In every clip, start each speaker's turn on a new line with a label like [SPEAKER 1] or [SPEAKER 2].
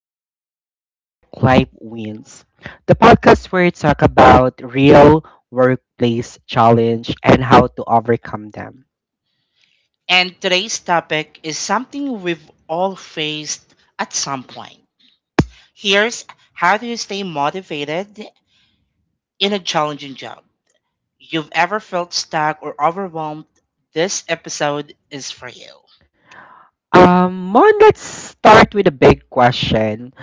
[SPEAKER 1] of Work Life Wins, the podcast where we talk about real workplace challenge and how to overcome them.
[SPEAKER 2] And today's topic is something we've all faced at some point. Here's how do you stay motivated in a challenging job? You've ever felt stuck or overwhelmed? This episode is for you.
[SPEAKER 1] Mon, let's start with a big question.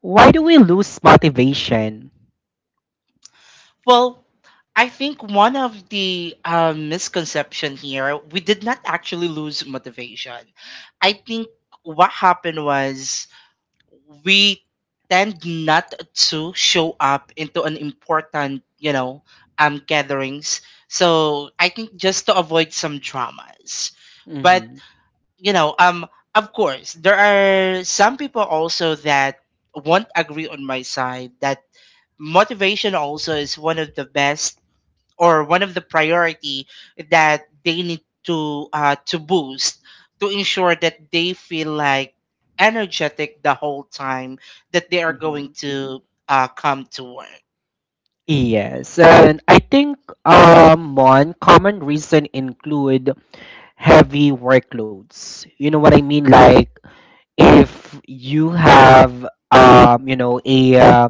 [SPEAKER 1] Why do we lose motivation?
[SPEAKER 2] Well, I think one of the misconception here, we did not actually lose motivation. I think what happened was we tend not to show up into an important, gatherings. So I think just to avoid some dramas. But,
[SPEAKER 1] hmm
[SPEAKER 2] you know, um of course there are some people also that won't agree on my side that motivation also is one of the best or one of the priority that they need to boost to ensure that they feel like energetic the whole time that they are going.
[SPEAKER 1] hmm
[SPEAKER 2] Mm-hmm. To come to work.
[SPEAKER 1] Yes, and I think one common reason include heavy workloads. You know what I mean? Like if you have you know a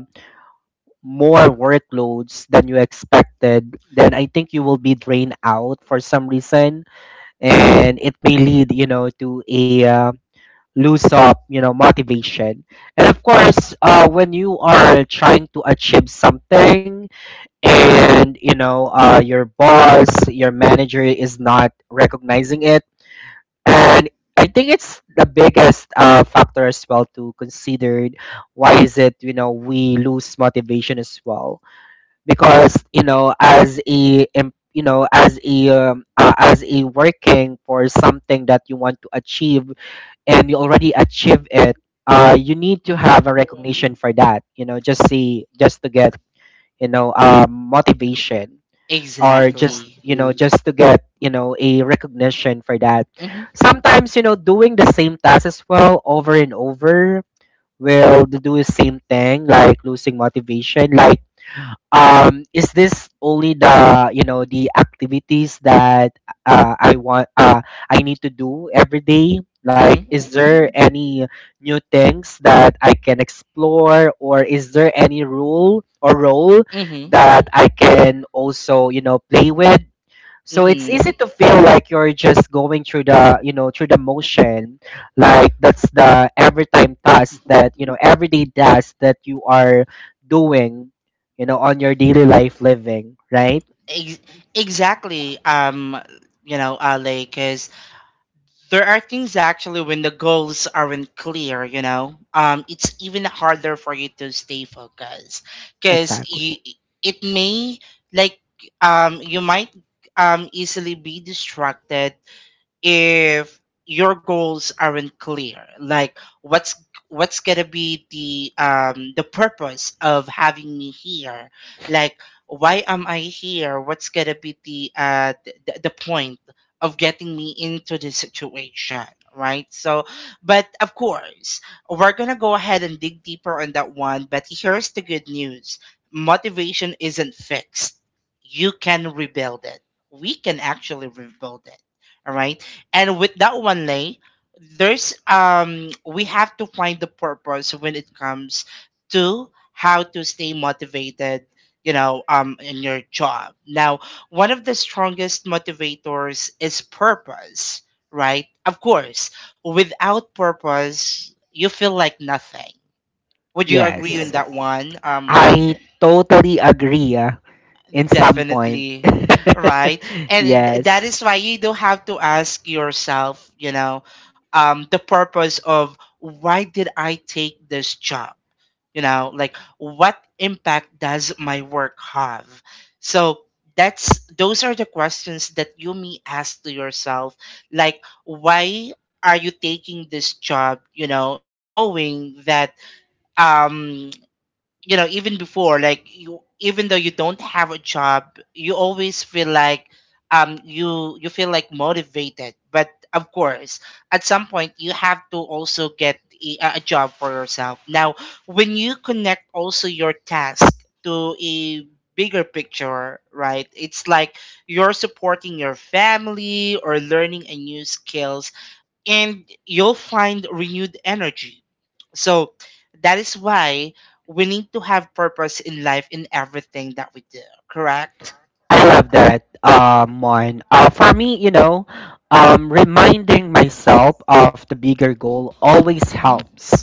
[SPEAKER 1] more workloads than you expected, then I think you will be drained out for some reason, and it may lead, you know, to a lose up, you know, motivation. And of course, when you are trying to achieve something and you know, your boss, your manager is not recognizing it,
[SPEAKER 2] Hmm
[SPEAKER 1] and I think it's the biggest factor as well to consider why is it, you know, we lose motivation as well. Because you know, as a you know, as a working for something that you want to achieve, and you already achieve it, uh, you need to
[SPEAKER 2] hmm
[SPEAKER 1] have a recognition for that, you know, just see, just to get, motivation, or just,
[SPEAKER 2] Exactly.
[SPEAKER 1] you know, just to get, you know, a recognition for that.
[SPEAKER 2] hmm
[SPEAKER 1] Sometimes, you know, doing the same task as well over and over will do the same thing, like losing motivation. Like, um, is this only the, you know, the activities that I want, I need to do every day?
[SPEAKER 2] hmm
[SPEAKER 1] Like, is there any new things that I can explore, or is there any rule or role
[SPEAKER 2] hmm
[SPEAKER 1] that I can also, you know, play with? So it's
[SPEAKER 2] hmm
[SPEAKER 1] easy to feel like you're just going through the, you know, through the motion, like that's the every time task that, you know, everyday task that you are doing, you know, on your daily life living, right?
[SPEAKER 2] Ex- exactly. 'Cause there are things actually when the goals aren't clear, it's even harder for you to stay focused because
[SPEAKER 1] Exactly.
[SPEAKER 2] it may, like, you might easily be distracted if your goals aren't clear. Like, what's gonna be the purpose of having me here? Like, why am I here? What's gonna be the the point of getting me into this situation, right? So, but of course, we're gonna go ahead and dig deeper on that one. But here's the good news: motivation isn't fixed. You can rebuild it. We can actually rebuild it. All right. And with that one, Lay, there's we have to find the purpose when it comes to how to stay motivated, in your job. Now, one of the strongest motivators is purpose, right? Of course, without purpose, you feel like nothing. Would you agree on
[SPEAKER 1] Yes.
[SPEAKER 2] that, yes, one, Lay?
[SPEAKER 1] I totally agree in some point.
[SPEAKER 2] Definitely. Right. And that
[SPEAKER 1] Yes.
[SPEAKER 2] is why you do have to ask yourself, you know, the purpose of why did I take this job? You know, like, what impact does my work have? So that's, those are the questions that you may ask to yourself. Like, why are you taking this job? You know, knowing that um you know, even before, like, you, even though you don't have a job, you always feel like you feel like motivated. But of course, at some point, you have to also get a job for yourself. Now, when you connect also your task to a bigger picture, right, it's like you're supporting your family or learning a new skill, and you'll find renewed energy. So that is why we need to have purpose in life in everything that we do, correct?
[SPEAKER 1] I love that one. For me, you know, um, reminding myself of the bigger goal always
[SPEAKER 2] Mm-hmm.
[SPEAKER 1] helps.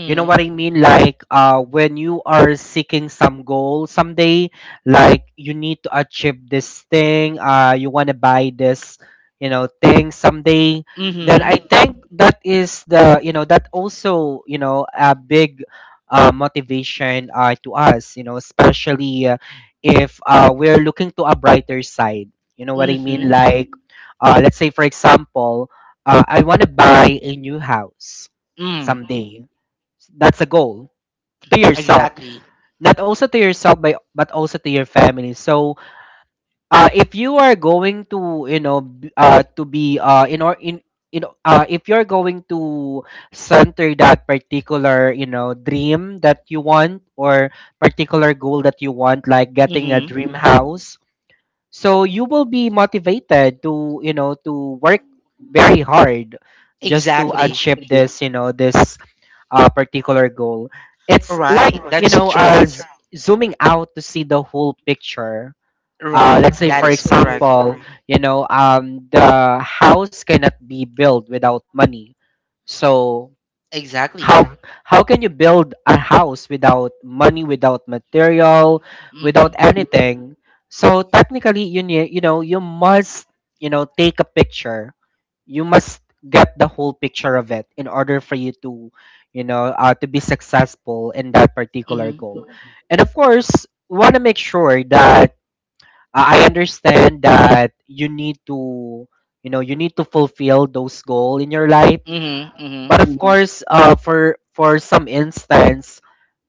[SPEAKER 1] You know what I mean? Like, when you are seeking some goal someday, like you need to achieve this thing, you want to buy this, you know, thing someday. Then
[SPEAKER 2] Mm-hmm.
[SPEAKER 1] I think that is the, you know, that also, you know, a big motivation to us, you know, especially if we're looking to a brighter side. You know what I mean?
[SPEAKER 2] Mm-hmm.
[SPEAKER 1] Like, let's say, for example, I want to buy a new house
[SPEAKER 2] Mm.
[SPEAKER 1] someday. That's a goal to yourself,
[SPEAKER 2] Exactly.
[SPEAKER 1] not also to yourself by, but also to your family. So uh, if you are going to, you know, to be in, you know, uh, if you're going to center that particular, you know, dream that you want, or particular goal that you want, like getting a
[SPEAKER 2] Mm-hmm.
[SPEAKER 1] dream house, so you will be motivated to, you know, to work very hard just to
[SPEAKER 2] Exactly.
[SPEAKER 1] achieve this, you know, this particular goal. It's like,
[SPEAKER 2] Right.
[SPEAKER 1] you
[SPEAKER 2] That's
[SPEAKER 1] know,
[SPEAKER 2] true.
[SPEAKER 1] zooming out to see the whole picture.
[SPEAKER 2] Right.
[SPEAKER 1] Let's say,
[SPEAKER 2] That
[SPEAKER 1] for
[SPEAKER 2] is correct.
[SPEAKER 1] example, you know, the house cannot be built without money. So
[SPEAKER 2] Exactly.
[SPEAKER 1] how how can you build a house without money, without material,
[SPEAKER 2] Mm-hmm.
[SPEAKER 1] without anything? So technically, you need, you know, you must, you know, take a picture. You must get the whole picture of it in order for you to, you know, to be successful in that particular
[SPEAKER 2] Mm-hmm.
[SPEAKER 1] goal. And of course, want to make sure that, I understand that you need to, you know, you need to fulfill those goals in your life.
[SPEAKER 2] Mm-hmm. Mm-hmm.
[SPEAKER 1] But of course, for some instance,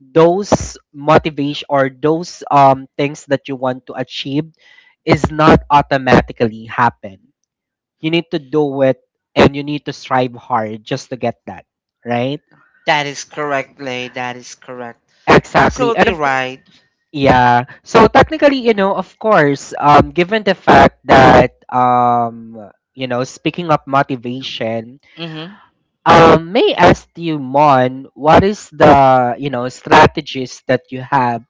[SPEAKER 1] those motivation or those things that you want to achieve is not automatically happen. You need to do it, and you need to strive hard just to get that, right?
[SPEAKER 2] That is correct, Lay. That is correct.
[SPEAKER 1] Exactly. And
[SPEAKER 2] Absolutely
[SPEAKER 1] of course,
[SPEAKER 2] right.
[SPEAKER 1] yeah. So technically, you know, of course, given the fact that you know, speaking of motivation,
[SPEAKER 2] Mm-hmm.
[SPEAKER 1] um, may I ask you, Mon, what is the, you know, strategies that you have,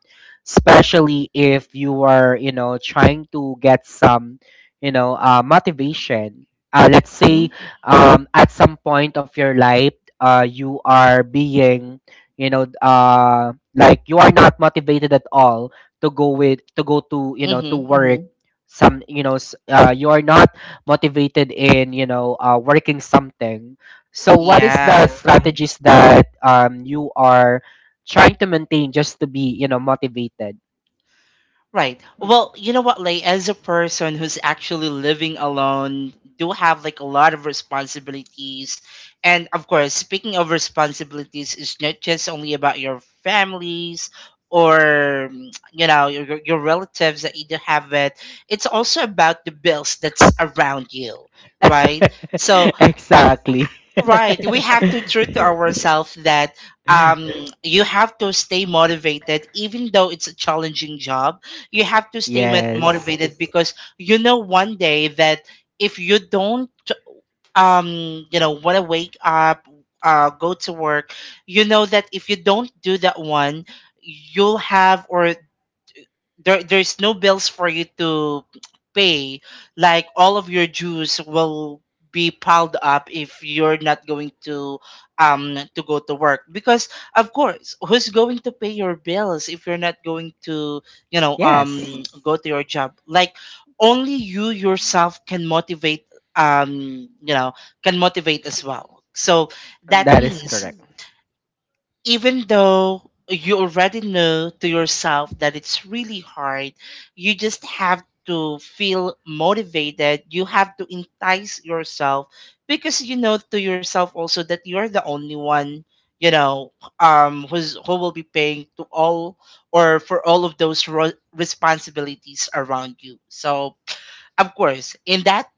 [SPEAKER 1] especially if you are, you know, trying to get some, you know, motivation. Let's say,
[SPEAKER 2] Mm-hmm.
[SPEAKER 1] at some point of your life, you are being, you know, like you are not motivated at all to go with, to go to, you know, to
[SPEAKER 2] Mm-hmm.
[SPEAKER 1] work. Mm-hmm. Some, you know, you are not motivated in, you know, working something. So, what is the
[SPEAKER 2] Yeah,
[SPEAKER 1] strategies that you are trying to maintain just to be, you know, motivated?
[SPEAKER 2] right. Well, you know what, Lay, as a person who's actually living alone, do have like a lot of responsibilities. And of course, speaking of responsibilities, it's not just only about your families or, mm, you know, your relatives that you do have it, it's also about the bills that's around you, right? So
[SPEAKER 1] Exactly.
[SPEAKER 2] right. We have to true to ourselves that um you have to stay motivated even though it's a challenging job. You have to stay
[SPEAKER 1] Yes.
[SPEAKER 2] motivated, yes, because you know one day that if you don't, want to wake up, go to work, you know that if you don't do that one, you'll have, or there, there's no bills for you to pay. Like, all of your dues will be piled up if you're not going to go to work, because of course, who's going to pay your bills if you're not going to,
[SPEAKER 1] Yes.
[SPEAKER 2] go to your job? Like, only you yourself can motivate, um you know can motivate as well. So that
[SPEAKER 1] That is
[SPEAKER 2] means
[SPEAKER 1] correct.
[SPEAKER 2] even though you already know to yourself that it's really hard, you just have to feel motivated. You have to entice yourself because you know to yourself also that you're the only one, you know, who's, who will be paying to all or for all of those responsibilities around you. So, of course, in that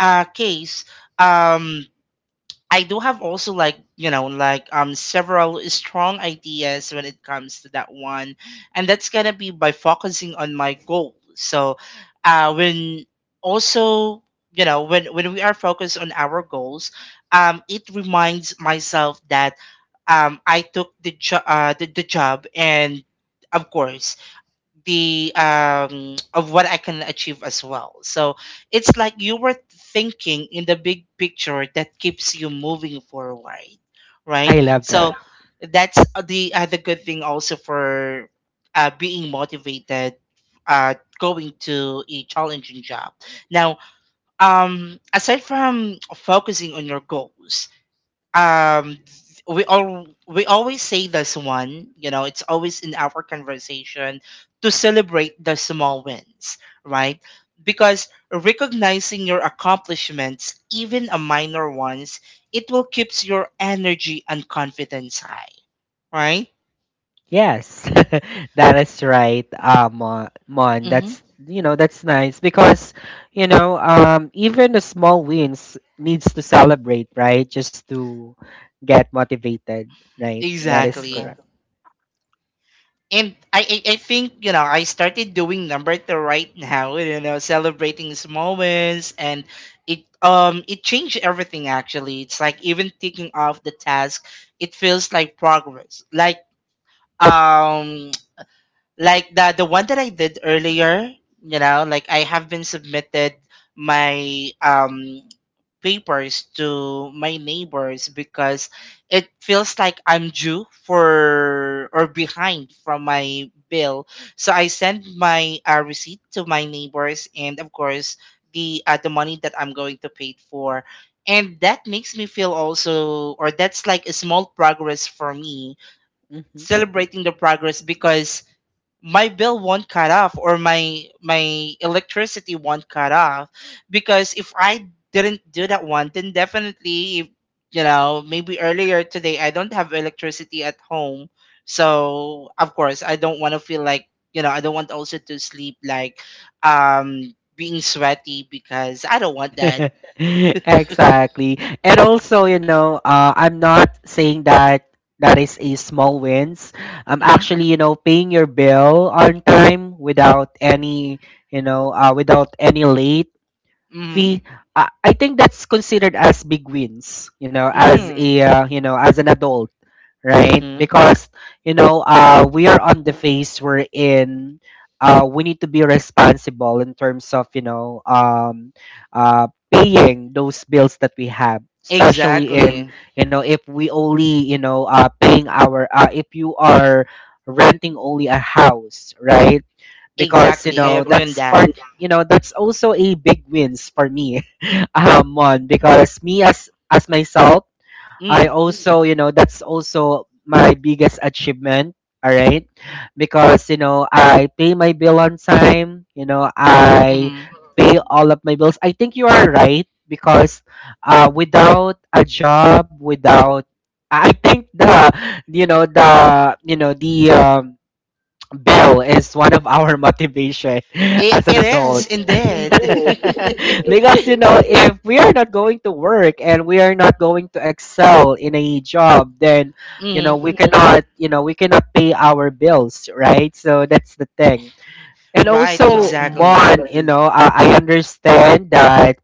[SPEAKER 2] case, um, I do have also, like, several strong ideas when it comes to that one, and that's gonna be by focusing on my goal. So, when also, when we are focused on our goals, it reminds myself that I took the the job, and of course the, um, of what I can achieve as well. So it's like you were thinking in the big picture that keeps you moving forward,
[SPEAKER 1] I
[SPEAKER 2] right?
[SPEAKER 1] love that.
[SPEAKER 2] So that's the other good thing also for being motivated, going to a challenging job. Now, aside from focusing on your goals, um we all, we always say this one, you know, it's always in our conversation to celebrate the small wins, right? Because recognizing your accomplishments, even a minor ones, it will keeps your energy and confidence high, right?
[SPEAKER 1] Yes, that is right, Mon. Mon.
[SPEAKER 2] hmm
[SPEAKER 1] That's, you know, that's nice because, you know, even the small wins needs to celebrate, right? Just to get motivated, right? That is
[SPEAKER 2] exactly.
[SPEAKER 1] correct.
[SPEAKER 2] And I I think, you know, I started doing number two right now. You know, celebrating small wins, and it changed everything. Actually, it's like even taking off the task, it feels like progress. Like, um the one that I did earlier, you know, like I have been submitted my papers to my neighbors because it feels like I'm due for or behind from my bill. So I send my receipt to my neighbors, and of course the money that I'm going to pay for. And that makes me feel also, or that's like a small progress for me,
[SPEAKER 1] Exactly. Hmm.
[SPEAKER 2] celebrating the progress because my bill won't cut off, or my electricity won't cut off, because if I didn't do that one, then definitely if, you know, maybe earlier today I don't have electricity at home. So of course, I don't want to feel like, you know, I don't want also to sleep like being sweaty, because I don't want that.
[SPEAKER 1] Exactly, and also, you know, I'm not saying that that is a small wins. I'm
[SPEAKER 2] Mhm.
[SPEAKER 1] actually, you know, paying your bill on time without any, you know, without any late
[SPEAKER 2] mhm
[SPEAKER 1] fee, I think that's considered as big wins, you know, as
[SPEAKER 2] mm
[SPEAKER 1] a you know, as an adult, right?
[SPEAKER 2] mhm
[SPEAKER 1] Because, you know, uh, we are on the phase we're in, uh, we need to be responsible in terms of, you know, um, uh, paying those bills that we have, especially in,
[SPEAKER 2] exactly.
[SPEAKER 1] you know, if we only, you know, uh, paying our uh, if you are renting only a house, right? Because you
[SPEAKER 2] Exactly, I
[SPEAKER 1] know,
[SPEAKER 2] agree on
[SPEAKER 1] that's
[SPEAKER 2] that.
[SPEAKER 1] part, you know, that's also a big wins for me. Um, one, because me as myself, I
[SPEAKER 2] Mm
[SPEAKER 1] also, you know, that's also my biggest achievement, all right? Because, you know, I pay my bill on time, you know, I
[SPEAKER 2] mhm
[SPEAKER 1] pay all of my bills. I think you are right because uh, without a job, without, I think the, you know, the, you know, the um, bill is one of our motivation.
[SPEAKER 2] It
[SPEAKER 1] As an
[SPEAKER 2] it is
[SPEAKER 1] adult.
[SPEAKER 2] indeed.
[SPEAKER 1] Yes, because, you know, if we are not going to work and we are not going to excel in a job, then you know,
[SPEAKER 2] Mm,
[SPEAKER 1] we cannot, you know, we cannot pay our bills, right? So that's the thing. And
[SPEAKER 2] right,
[SPEAKER 1] also,
[SPEAKER 2] exactly.
[SPEAKER 1] Mon, you know, I understand that,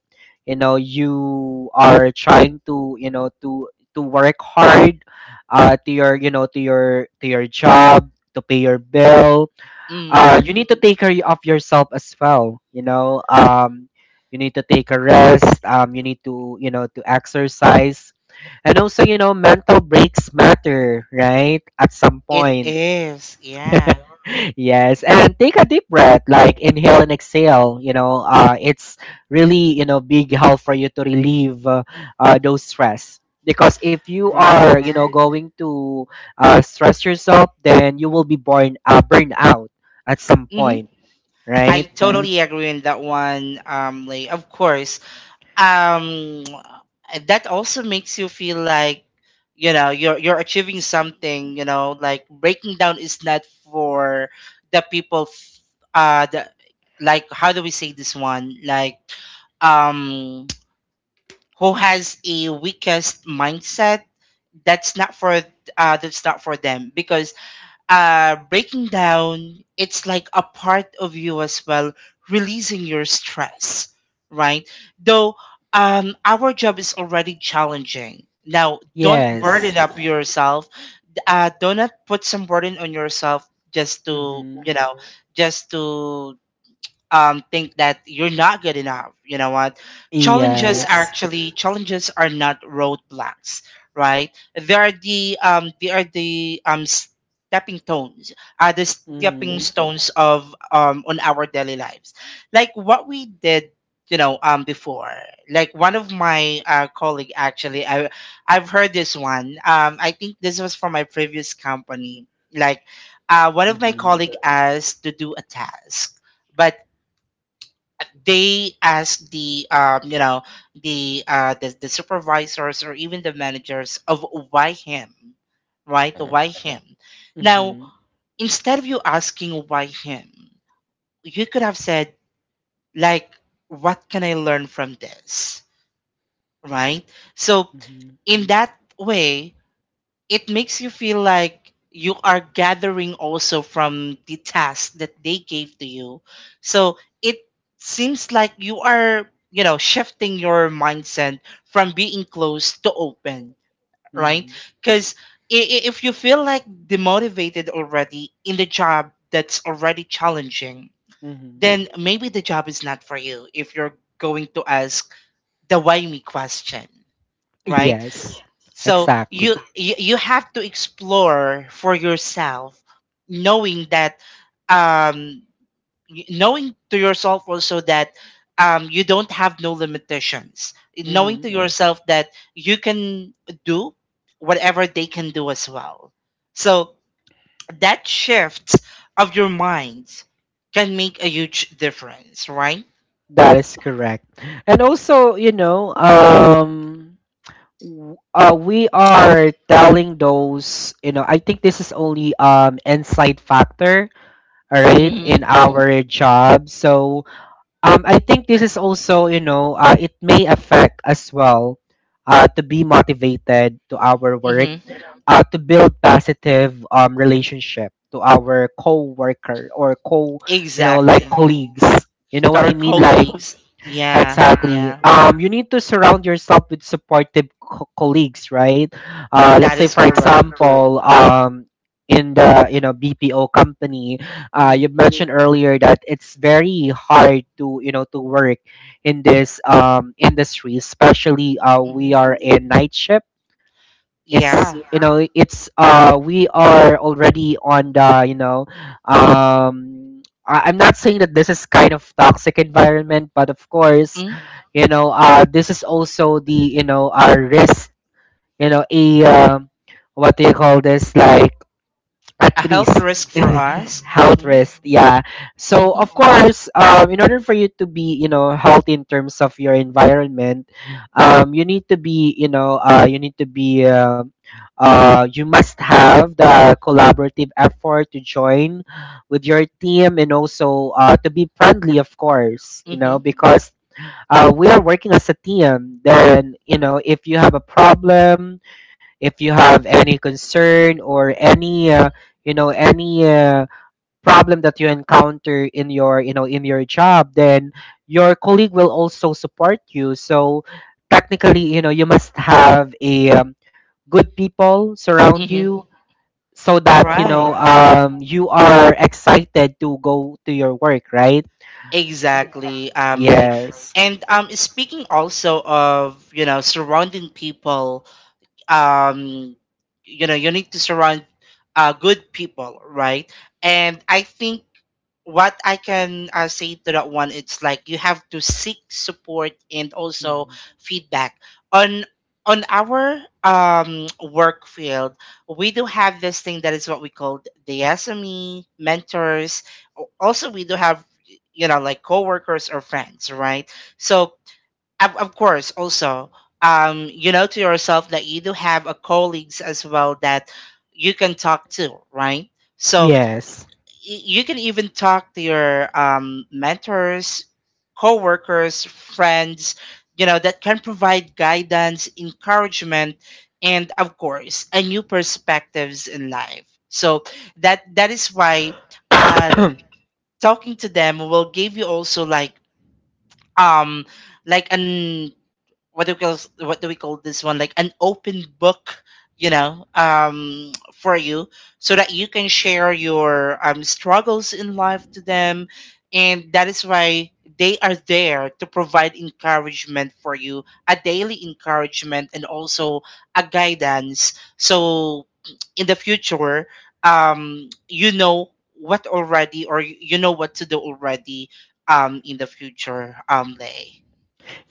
[SPEAKER 1] you know, you are trying to, you know, to work hard, to your, you know, to your, to your job to pay your bill,
[SPEAKER 2] Mm,
[SPEAKER 1] you need to take care of yourself as well. You know, you need to take a rest. You need to, you know, to exercise, and also, you know, mental breaks matter, right? At some
[SPEAKER 2] it
[SPEAKER 1] point,
[SPEAKER 2] is, yeah.
[SPEAKER 1] yes, and take a deep breath, like inhale and exhale. You know, it's really, you know, big help for you to relieve those stress. Because if you are,
[SPEAKER 2] Right.
[SPEAKER 1] you know, going to stress yourself, then you will be born burned out at some
[SPEAKER 2] Mm-hmm.
[SPEAKER 1] point,
[SPEAKER 2] I,
[SPEAKER 1] right?
[SPEAKER 2] mm, totally agree on that one. Like, of course. Um, that also makes you feel like, you know, you're achieving something. You know, like breaking down is not for the people. The, like, how do we say this one? Like, um who has a weakest mindset, that's not for, that's not for them, because breaking down, it's like a part of you as well, releasing your stress, right? Though, our job is already challenging, now don't
[SPEAKER 1] Yes.
[SPEAKER 2] burden up yourself. Uh, do not put some burden on yourself just to,
[SPEAKER 1] Mm-hmm.
[SPEAKER 2] you know, just to think that you're not good enough. You know what? Challenges are
[SPEAKER 1] Yes.
[SPEAKER 2] actually, challenges are not roadblocks, right? They are the, they are the, stepping stones, are the stepping
[SPEAKER 1] Mm-hmm.
[SPEAKER 2] stones of, on our daily lives, like what we did. You know, before, like, one of my colleague, actually, I've heard this one. I think this was from my previous company. Like, one of my
[SPEAKER 1] Mm-hmm.
[SPEAKER 2] colleague asked to do a task, but they ask the, the, the supervisors or even the managers of why him, right, why him? Now,
[SPEAKER 1] Mm-hmm.
[SPEAKER 2] instead of you asking why him, you could have said, like, what can I learn from this, right? So
[SPEAKER 1] Mm-hmm.
[SPEAKER 2] in that way, it makes you feel like you are gathering also from the task that they gave to you. So it seems like you are, you know, shifting your mindset from being closed to open,
[SPEAKER 1] Mm-hmm.
[SPEAKER 2] right? Because if you feel like demotivated already in the job that's already challenging,
[SPEAKER 1] Mm-hmm.
[SPEAKER 2] then maybe the job is not for you if you're going to ask the why me question, right?
[SPEAKER 1] Yes.
[SPEAKER 2] So
[SPEAKER 1] Exactly.
[SPEAKER 2] you, you have to explore for yourself, knowing that, um, knowing to yourself also that, you don't have no limitations. Knowing
[SPEAKER 1] Mm-hmm.
[SPEAKER 2] to, mm, yourself that you can do whatever they can do as well. So that shift of your mind can make a huge difference, right?
[SPEAKER 1] That is correct. And also, you know, we are telling those, you know, I think this is only inside factor, all right,
[SPEAKER 2] Mm.
[SPEAKER 1] in our job. So, I think this is also, you know, it may affect as well, to be motivated to our
[SPEAKER 2] hmm
[SPEAKER 1] work,
[SPEAKER 2] Mm-hmm.
[SPEAKER 1] to build positive relationship to our co-worker or co, you know, like
[SPEAKER 2] Exactly.
[SPEAKER 1] colleagues. You know
[SPEAKER 2] To
[SPEAKER 1] what I
[SPEAKER 2] our
[SPEAKER 1] mean? Like,
[SPEAKER 2] colleagues. Yeah,
[SPEAKER 1] exactly.
[SPEAKER 2] yeah.
[SPEAKER 1] You need to surround yourself with supportive colleagues, right? Let's
[SPEAKER 2] That
[SPEAKER 1] say,
[SPEAKER 2] is
[SPEAKER 1] for
[SPEAKER 2] correct.
[SPEAKER 1] example, in the, you know, BPO company,
[SPEAKER 2] Hmm
[SPEAKER 1] you mentioned earlier that it's very hard to, you know, to work in this industry, especially we are
[SPEAKER 2] hmm
[SPEAKER 1] in night shift. It's,
[SPEAKER 2] Yeah.
[SPEAKER 1] you know, it's uh, we are already on the, you know, um, I'm not saying that this is kind of toxic environment, but of course,
[SPEAKER 2] Mm.
[SPEAKER 1] you know, uh, this is also the, you know, our risk, you know, a what do you call this, like
[SPEAKER 2] A
[SPEAKER 1] at
[SPEAKER 2] health
[SPEAKER 1] least
[SPEAKER 2] risk for us.
[SPEAKER 1] health
[SPEAKER 2] Hmm
[SPEAKER 1] risk, yeah. So
[SPEAKER 2] hmm
[SPEAKER 1] of course, um, in order for you to be, you know, healthy in terms of your environment, um, you need to be, you know, you need to be you must have the collaborative effort to join with your team, and also uh, to be friendly, of course, you know,
[SPEAKER 2] hmm
[SPEAKER 1] because uh, we are working as a team. Then, you know, if you have a problem, if you have any concern or any you know, any problem that you encounter in your, you know, in your job, then your colleague will also support you. So technically, you know, you must have a good people surround
[SPEAKER 2] hmm
[SPEAKER 1] you, so that, you know,
[SPEAKER 2] Right.
[SPEAKER 1] you are excited to go to your work, right?
[SPEAKER 2] Exactly. Like,
[SPEAKER 1] Yes.
[SPEAKER 2] and Speaking also of surrounding people um you know, you need to surround good people, right? And I think what I can say to that one, it's like you have to seek support and also
[SPEAKER 1] Mhm.
[SPEAKER 2] feedback on our work field. We do have this thing that is what we call the sme mentors. Also we do have, you know, like coworkers or friends, right? So of course also, to yourself that you do have a colleagues as well that you can talk to, right? So
[SPEAKER 1] Yes.
[SPEAKER 2] you can even talk to your mentors, coworkers, friends, you know, that can provide guidance, encouragement, and of course a new perspectives in life. So that is why uh talking to them will give you also um like an what do we call, what do we call this one? Like an open book, you know, for you, so that you can share your struggles in life to them. And that is why they are there to provide encouragement for you, a daily encouragement, and also a guidance. So in the future, you know what already, or you know what to do already, in the future lay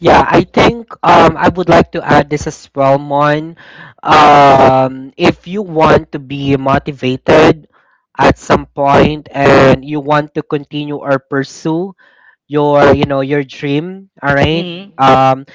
[SPEAKER 1] Yeah, I think I would like to add this as well, Mon. If you want to be motivated at some point and you want to continue or pursue your, you know, your dream, all right?
[SPEAKER 2] mhm
[SPEAKER 1] Um,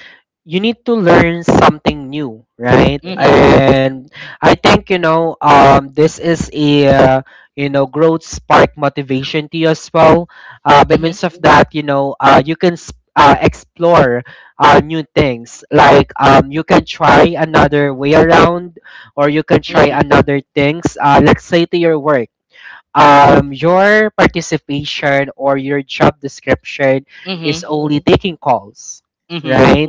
[SPEAKER 1] you need to learn something new, right?
[SPEAKER 2] mhm
[SPEAKER 1] And I think, you know, this is a you know, growth spark motivation to you as well. By
[SPEAKER 2] mhm
[SPEAKER 1] means of that, you know, you can explore new things. Like, you can try another way around, or you can try
[SPEAKER 2] mhm
[SPEAKER 1] another things, let's say, to your work. Your participation or your job description is
[SPEAKER 2] mhm
[SPEAKER 1] only taking calls,
[SPEAKER 2] mhm
[SPEAKER 1] right?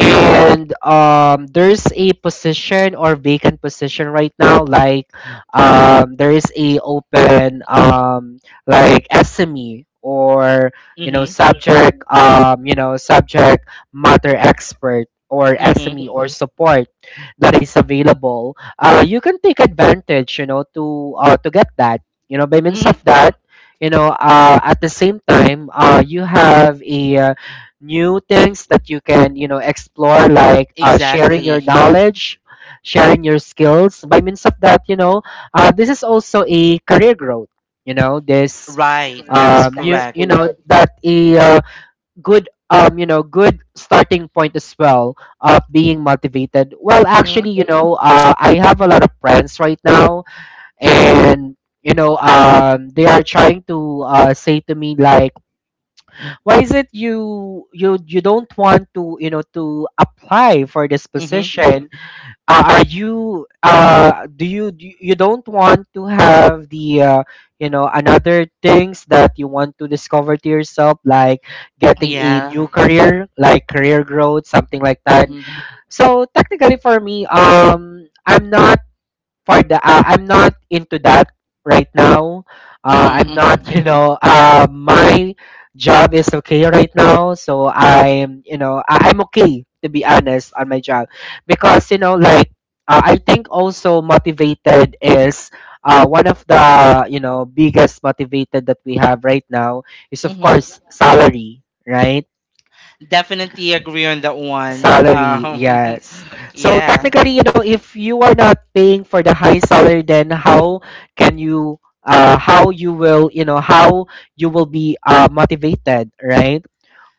[SPEAKER 1] And there's a position or vacant position right now. Like, there is a open, like, SME, or, you know,
[SPEAKER 2] mhm
[SPEAKER 1] subject you know, subject matter expert, or
[SPEAKER 2] mhm
[SPEAKER 1] SME, or support, that is available. You can take advantage, you know, to get that, you know, by means of
[SPEAKER 2] mhm
[SPEAKER 1] that. You know, at the same time, you have a new things that you can, you know, explore, like sharing your
[SPEAKER 2] exactly.
[SPEAKER 1] knowledge, sharing your skills. By means of that, you know, this is also a career growth, you know this.
[SPEAKER 2] Right, that is
[SPEAKER 1] You,
[SPEAKER 2] correct.
[SPEAKER 1] you know, that a good, you know, good starting point as well of being motivated. Well, actually,
[SPEAKER 2] mhm
[SPEAKER 1] you know, I have a lot of friends right now, and, you know, they are trying to, say to me like, why is it you don't want to, you know, to apply for this
[SPEAKER 2] mhm
[SPEAKER 1] position? Are you, do you, do you don't want to have the, you know, another things that you want to discover to yourself, like getting a
[SPEAKER 2] yeah.
[SPEAKER 1] new career, like career growth, something like that?
[SPEAKER 2] mhm
[SPEAKER 1] So technically, for me, I'm not for the, I'm not into that right now.
[SPEAKER 2] mhm
[SPEAKER 1] I'm
[SPEAKER 2] mhm
[SPEAKER 1] not, you know, my job is okay right now, so I'm, you know, I'm okay, to be honest, on my job. Because, you know, like, I think also motivated is. One of the, you know, biggest motivated that we have right now is, of
[SPEAKER 2] mhm
[SPEAKER 1] course, salary, right?
[SPEAKER 2] Definitely agree on that one.
[SPEAKER 1] Salary, yes. So
[SPEAKER 2] Yeah,
[SPEAKER 1] technically, you know, if you are not paying for the high salary, then how can you, how you will, you know, how you will be, motivated, right?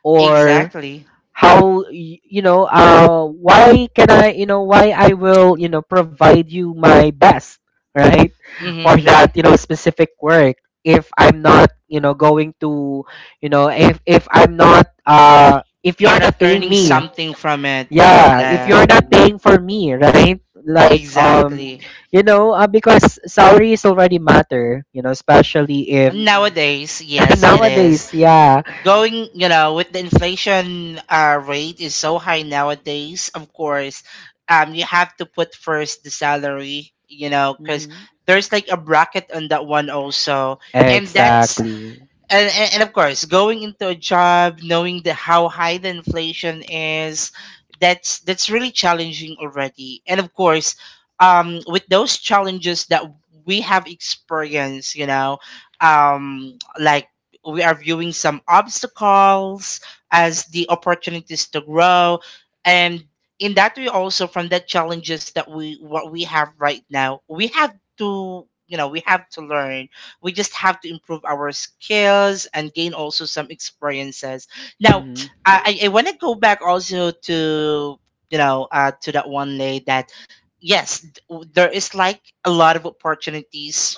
[SPEAKER 1] Or
[SPEAKER 2] exactly.
[SPEAKER 1] how you know, why can I you know, why I will, you know, provide you my best, right? For
[SPEAKER 2] mhm
[SPEAKER 1] that, you know, specific work. If I'm not, you know, going to, you know, if if I'm not, if you
[SPEAKER 2] you're
[SPEAKER 1] are
[SPEAKER 2] not
[SPEAKER 1] not paying
[SPEAKER 2] earning
[SPEAKER 1] me.
[SPEAKER 2] something from it.
[SPEAKER 1] Yeah, if you're
[SPEAKER 2] like,
[SPEAKER 1] not paying for me, right? Like,
[SPEAKER 2] exactly.
[SPEAKER 1] you know, because salaries already matter, you know, especially if.
[SPEAKER 2] Nowadays, yes, it is.
[SPEAKER 1] Nowadays, yeah.
[SPEAKER 2] Going, you know, with the inflation rate is so high nowadays, of course, you have to put first the salary, you know, because
[SPEAKER 1] hmm
[SPEAKER 2] there's like a bracket on that one also. And Correct. That's
[SPEAKER 1] exactly.
[SPEAKER 2] and of course, going into a job knowing the how high the inflation is, that's really challenging already. And of course, with those challenges that we have experienced, you know, um, we are viewing some obstacles as the opportunities to grow. And in that way, also from the challenges that we have right now, we have to, you know, we have to learn. We just have to improve our skills and gain also some experiences. Now,
[SPEAKER 1] Mm-hmm.
[SPEAKER 2] I want to go back also to, you know, to that one day that yes, there is like a lot of opportunities,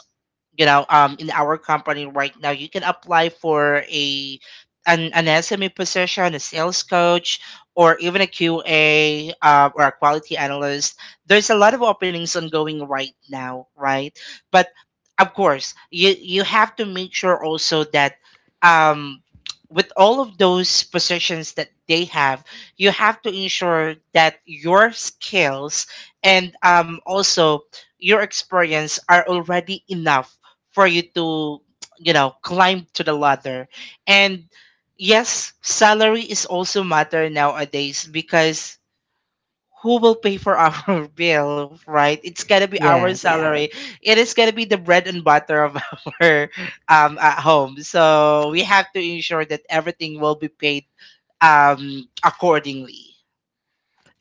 [SPEAKER 2] you know, in our company right now. You can apply for a an sme position, a sales coach, or even a qa, or a quality analyst. There's a lot of openings ongoing right now, right? But of course you have to make sure also that, um with all of those positions that they have, you have to ensure that your skills and also your experience are already enough for you to, you know, climb to the ladder. And yes, salary is also matter nowadays, because who will pay for our bill, right? It's gonna be our Yeah.
[SPEAKER 1] Yes,
[SPEAKER 2] salary. It is gonna be the bread and butter of our at home, so we have to ensure that everything will be paid accordingly.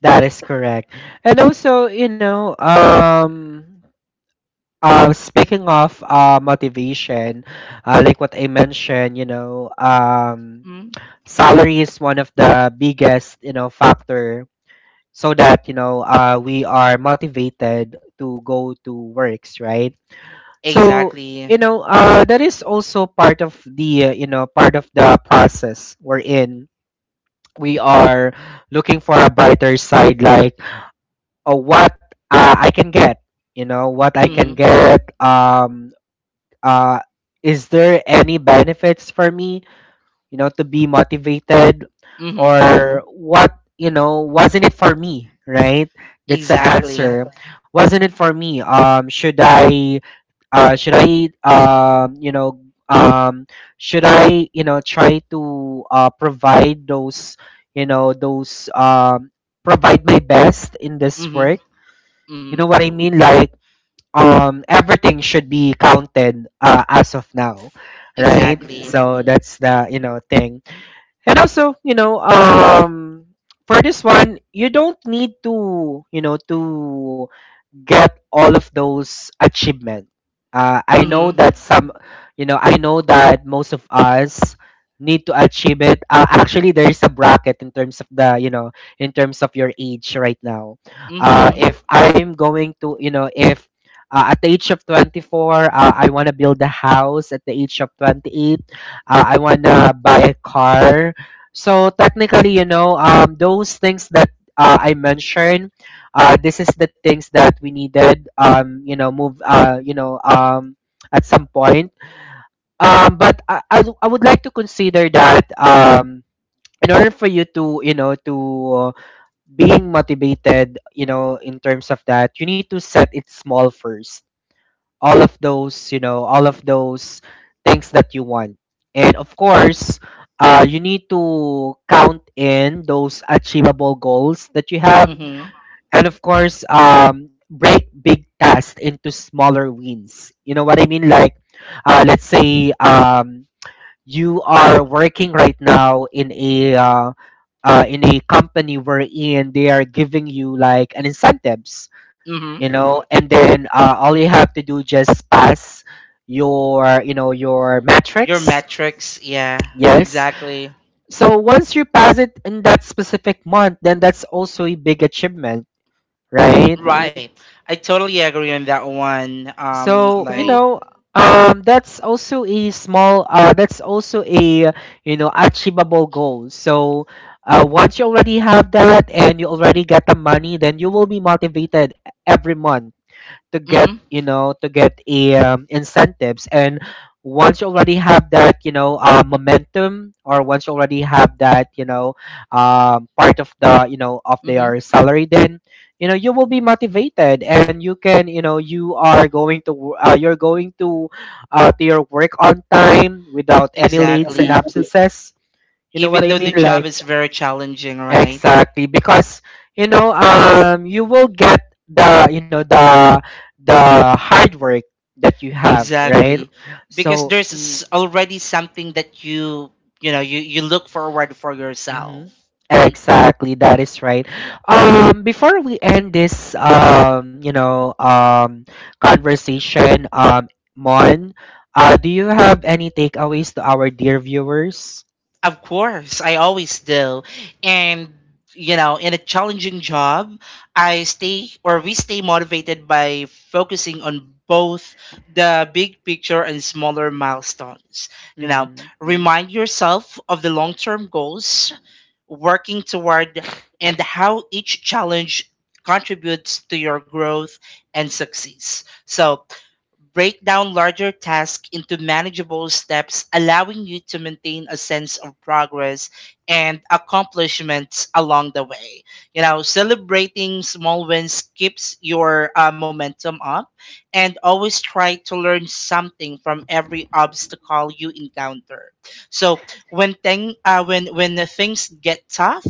[SPEAKER 1] that is correct. And also, you know, speaking of motivation, like what I mentioned, you know,
[SPEAKER 2] mm,
[SPEAKER 1] salary is one of the biggest, you know, factor, so that, you know, we are motivated to go to works, right? So,
[SPEAKER 2] exactly.
[SPEAKER 1] you know, that is also part of the, you know, part of the process we're in. We are looking for a brighter side, like what I can get. You know what I can
[SPEAKER 2] mm,
[SPEAKER 1] get. Uh, is there any benefits for me? You know, to be motivated,
[SPEAKER 2] mm-hmm,
[SPEAKER 1] or what? You know, wasn't it for me? Right. That's the
[SPEAKER 2] exactly.
[SPEAKER 1] answer. Wasn't it for me? Should I? Should I? You know. Um, should I, you know, try to, provide those, you know, those, provide my best in this
[SPEAKER 2] mm-hmm,
[SPEAKER 1] work, you
[SPEAKER 2] mm-hmm,
[SPEAKER 1] know what I mean? Like, everything should be counted, as of now, right?
[SPEAKER 2] exactly.
[SPEAKER 1] So, exactly, that's the, you know, thing. And also, you know, for this one, you don't need to, you know, to get all of those achievement. I know
[SPEAKER 2] mm-hmm,
[SPEAKER 1] that some, you know, I know that most of us need to achieve it. Actually, there is a bracket in terms of the, you know, in terms of your age right now.
[SPEAKER 2] mm-hmm
[SPEAKER 1] If I'm going to, you know, if at the age of 24, I want to build a house. At the age of 28, I want to buy a car. So technically, you know, those things that I mentioned, this is the things that we needed, you know, move, you know, at some point. Um, but I would like to consider that, in order for you to, you know, to uh, being motivated, you know, in terms of that, you need to set it small first, all of those, you know, all of those things that you want. And of course, you need to count in those achievable goals that you have,
[SPEAKER 2] Mhm.
[SPEAKER 1] and of course, break big tasks into smaller wins, you know what I mean? Like, let's say you are working right now in a, in a company wherein they are giving you like an incentives, you
[SPEAKER 2] Mhm.
[SPEAKER 1] know, and then, all you have to do just pass your, you know, your
[SPEAKER 2] Your
[SPEAKER 1] metrics.
[SPEAKER 2] metrics, yeah,
[SPEAKER 1] Yes.
[SPEAKER 2] exactly.
[SPEAKER 1] So once you pass it in that specific month, then that's also a big achievement, right?
[SPEAKER 2] Right. Right. I totally agree on that one.
[SPEAKER 1] So, you
[SPEAKER 2] So.
[SPEAKER 1] know, that's also a small, that's also a, you know, achievable goal. So, once you already have that, and you already get the money, then you will be motivated every month to
[SPEAKER 2] Mhm.
[SPEAKER 1] get,
[SPEAKER 2] Mhm.
[SPEAKER 1] you know, to get a, incentives. And once you already have that, you know, momentum, or once you already have that, you know, part of the, you know, of
[SPEAKER 2] I
[SPEAKER 1] their salary, then, you know, you will be motivated, and you can, you know, you are going to you're going to, to your work on time without any lates and,
[SPEAKER 2] Exactly.
[SPEAKER 1] yeah, absences, you know what
[SPEAKER 2] Even
[SPEAKER 1] I
[SPEAKER 2] though the
[SPEAKER 1] mean?
[SPEAKER 2] job
[SPEAKER 1] Like,
[SPEAKER 2] is very challenging, right?
[SPEAKER 1] exactly, because, you know, you will get the, you know, the hard work that you have, right?
[SPEAKER 2] Exactly. Because
[SPEAKER 1] So,
[SPEAKER 2] there's already something that you know, you look forward for
[SPEAKER 1] mhm.
[SPEAKER 2] yourself.
[SPEAKER 1] Exactly, that is right. Before we end this, you know, conversation, Mon, do you have any takeaways to our dear viewers?
[SPEAKER 2] Of course, I always do. And, you know, in a challenging job, I stay, or we stay motivated by focusing on both the big picture and smaller milestones. You know,
[SPEAKER 1] Mm,
[SPEAKER 2] remind yourself of the long term goals, working toward, and how each challenge contributes to your growth and success. So, break down larger tasks into manageable steps, allowing you to maintain a sense of progress and accomplishments along the way. You know, celebrating small wins keeps your momentum up, and always try to learn something from every obstacle you encounter. So, when the things get tough,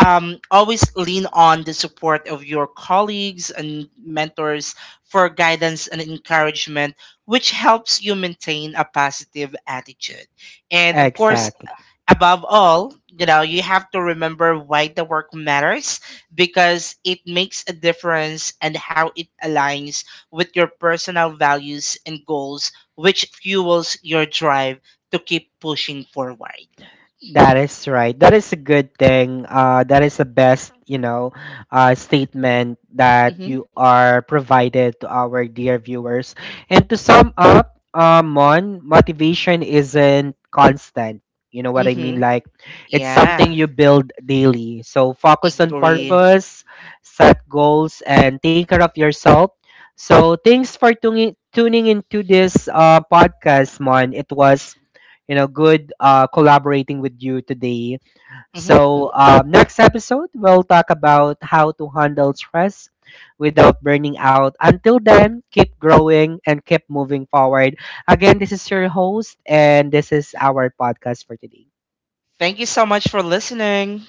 [SPEAKER 2] always lean on the support of your colleagues and mentors for guidance and encouragement, which helps you maintain a positive attitude. And of course,
[SPEAKER 1] exactly.
[SPEAKER 2] above all, you know, you have to remember why the work matters, because it makes a difference and how it aligns with your personal values and goals, which fuels your drive to keep pushing forward.
[SPEAKER 1] That is right. That is a good thing. That is the best, you know, statement that you
[SPEAKER 2] Mm-hmm.
[SPEAKER 1] are provided to our dear viewers. And to sum up, Mon, motivation isn't constant. You know what I mean?
[SPEAKER 2] Mm-hmm.
[SPEAKER 1] Like, it's something
[SPEAKER 2] Yeah,
[SPEAKER 1] you build daily. So focus on
[SPEAKER 2] agree.
[SPEAKER 1] purpose, set goals, and take care of yourself. So thanks for tuning into this, podcast, Mon. It was, you know, good, collaborating with you today.
[SPEAKER 2] Hmm.
[SPEAKER 1] So, next episode we'll talk about how to handle stress without burning out. Until then, keep growing and keep moving forward. Again, this is your host, and this is our podcast for today.
[SPEAKER 2] Thank you so much for listening.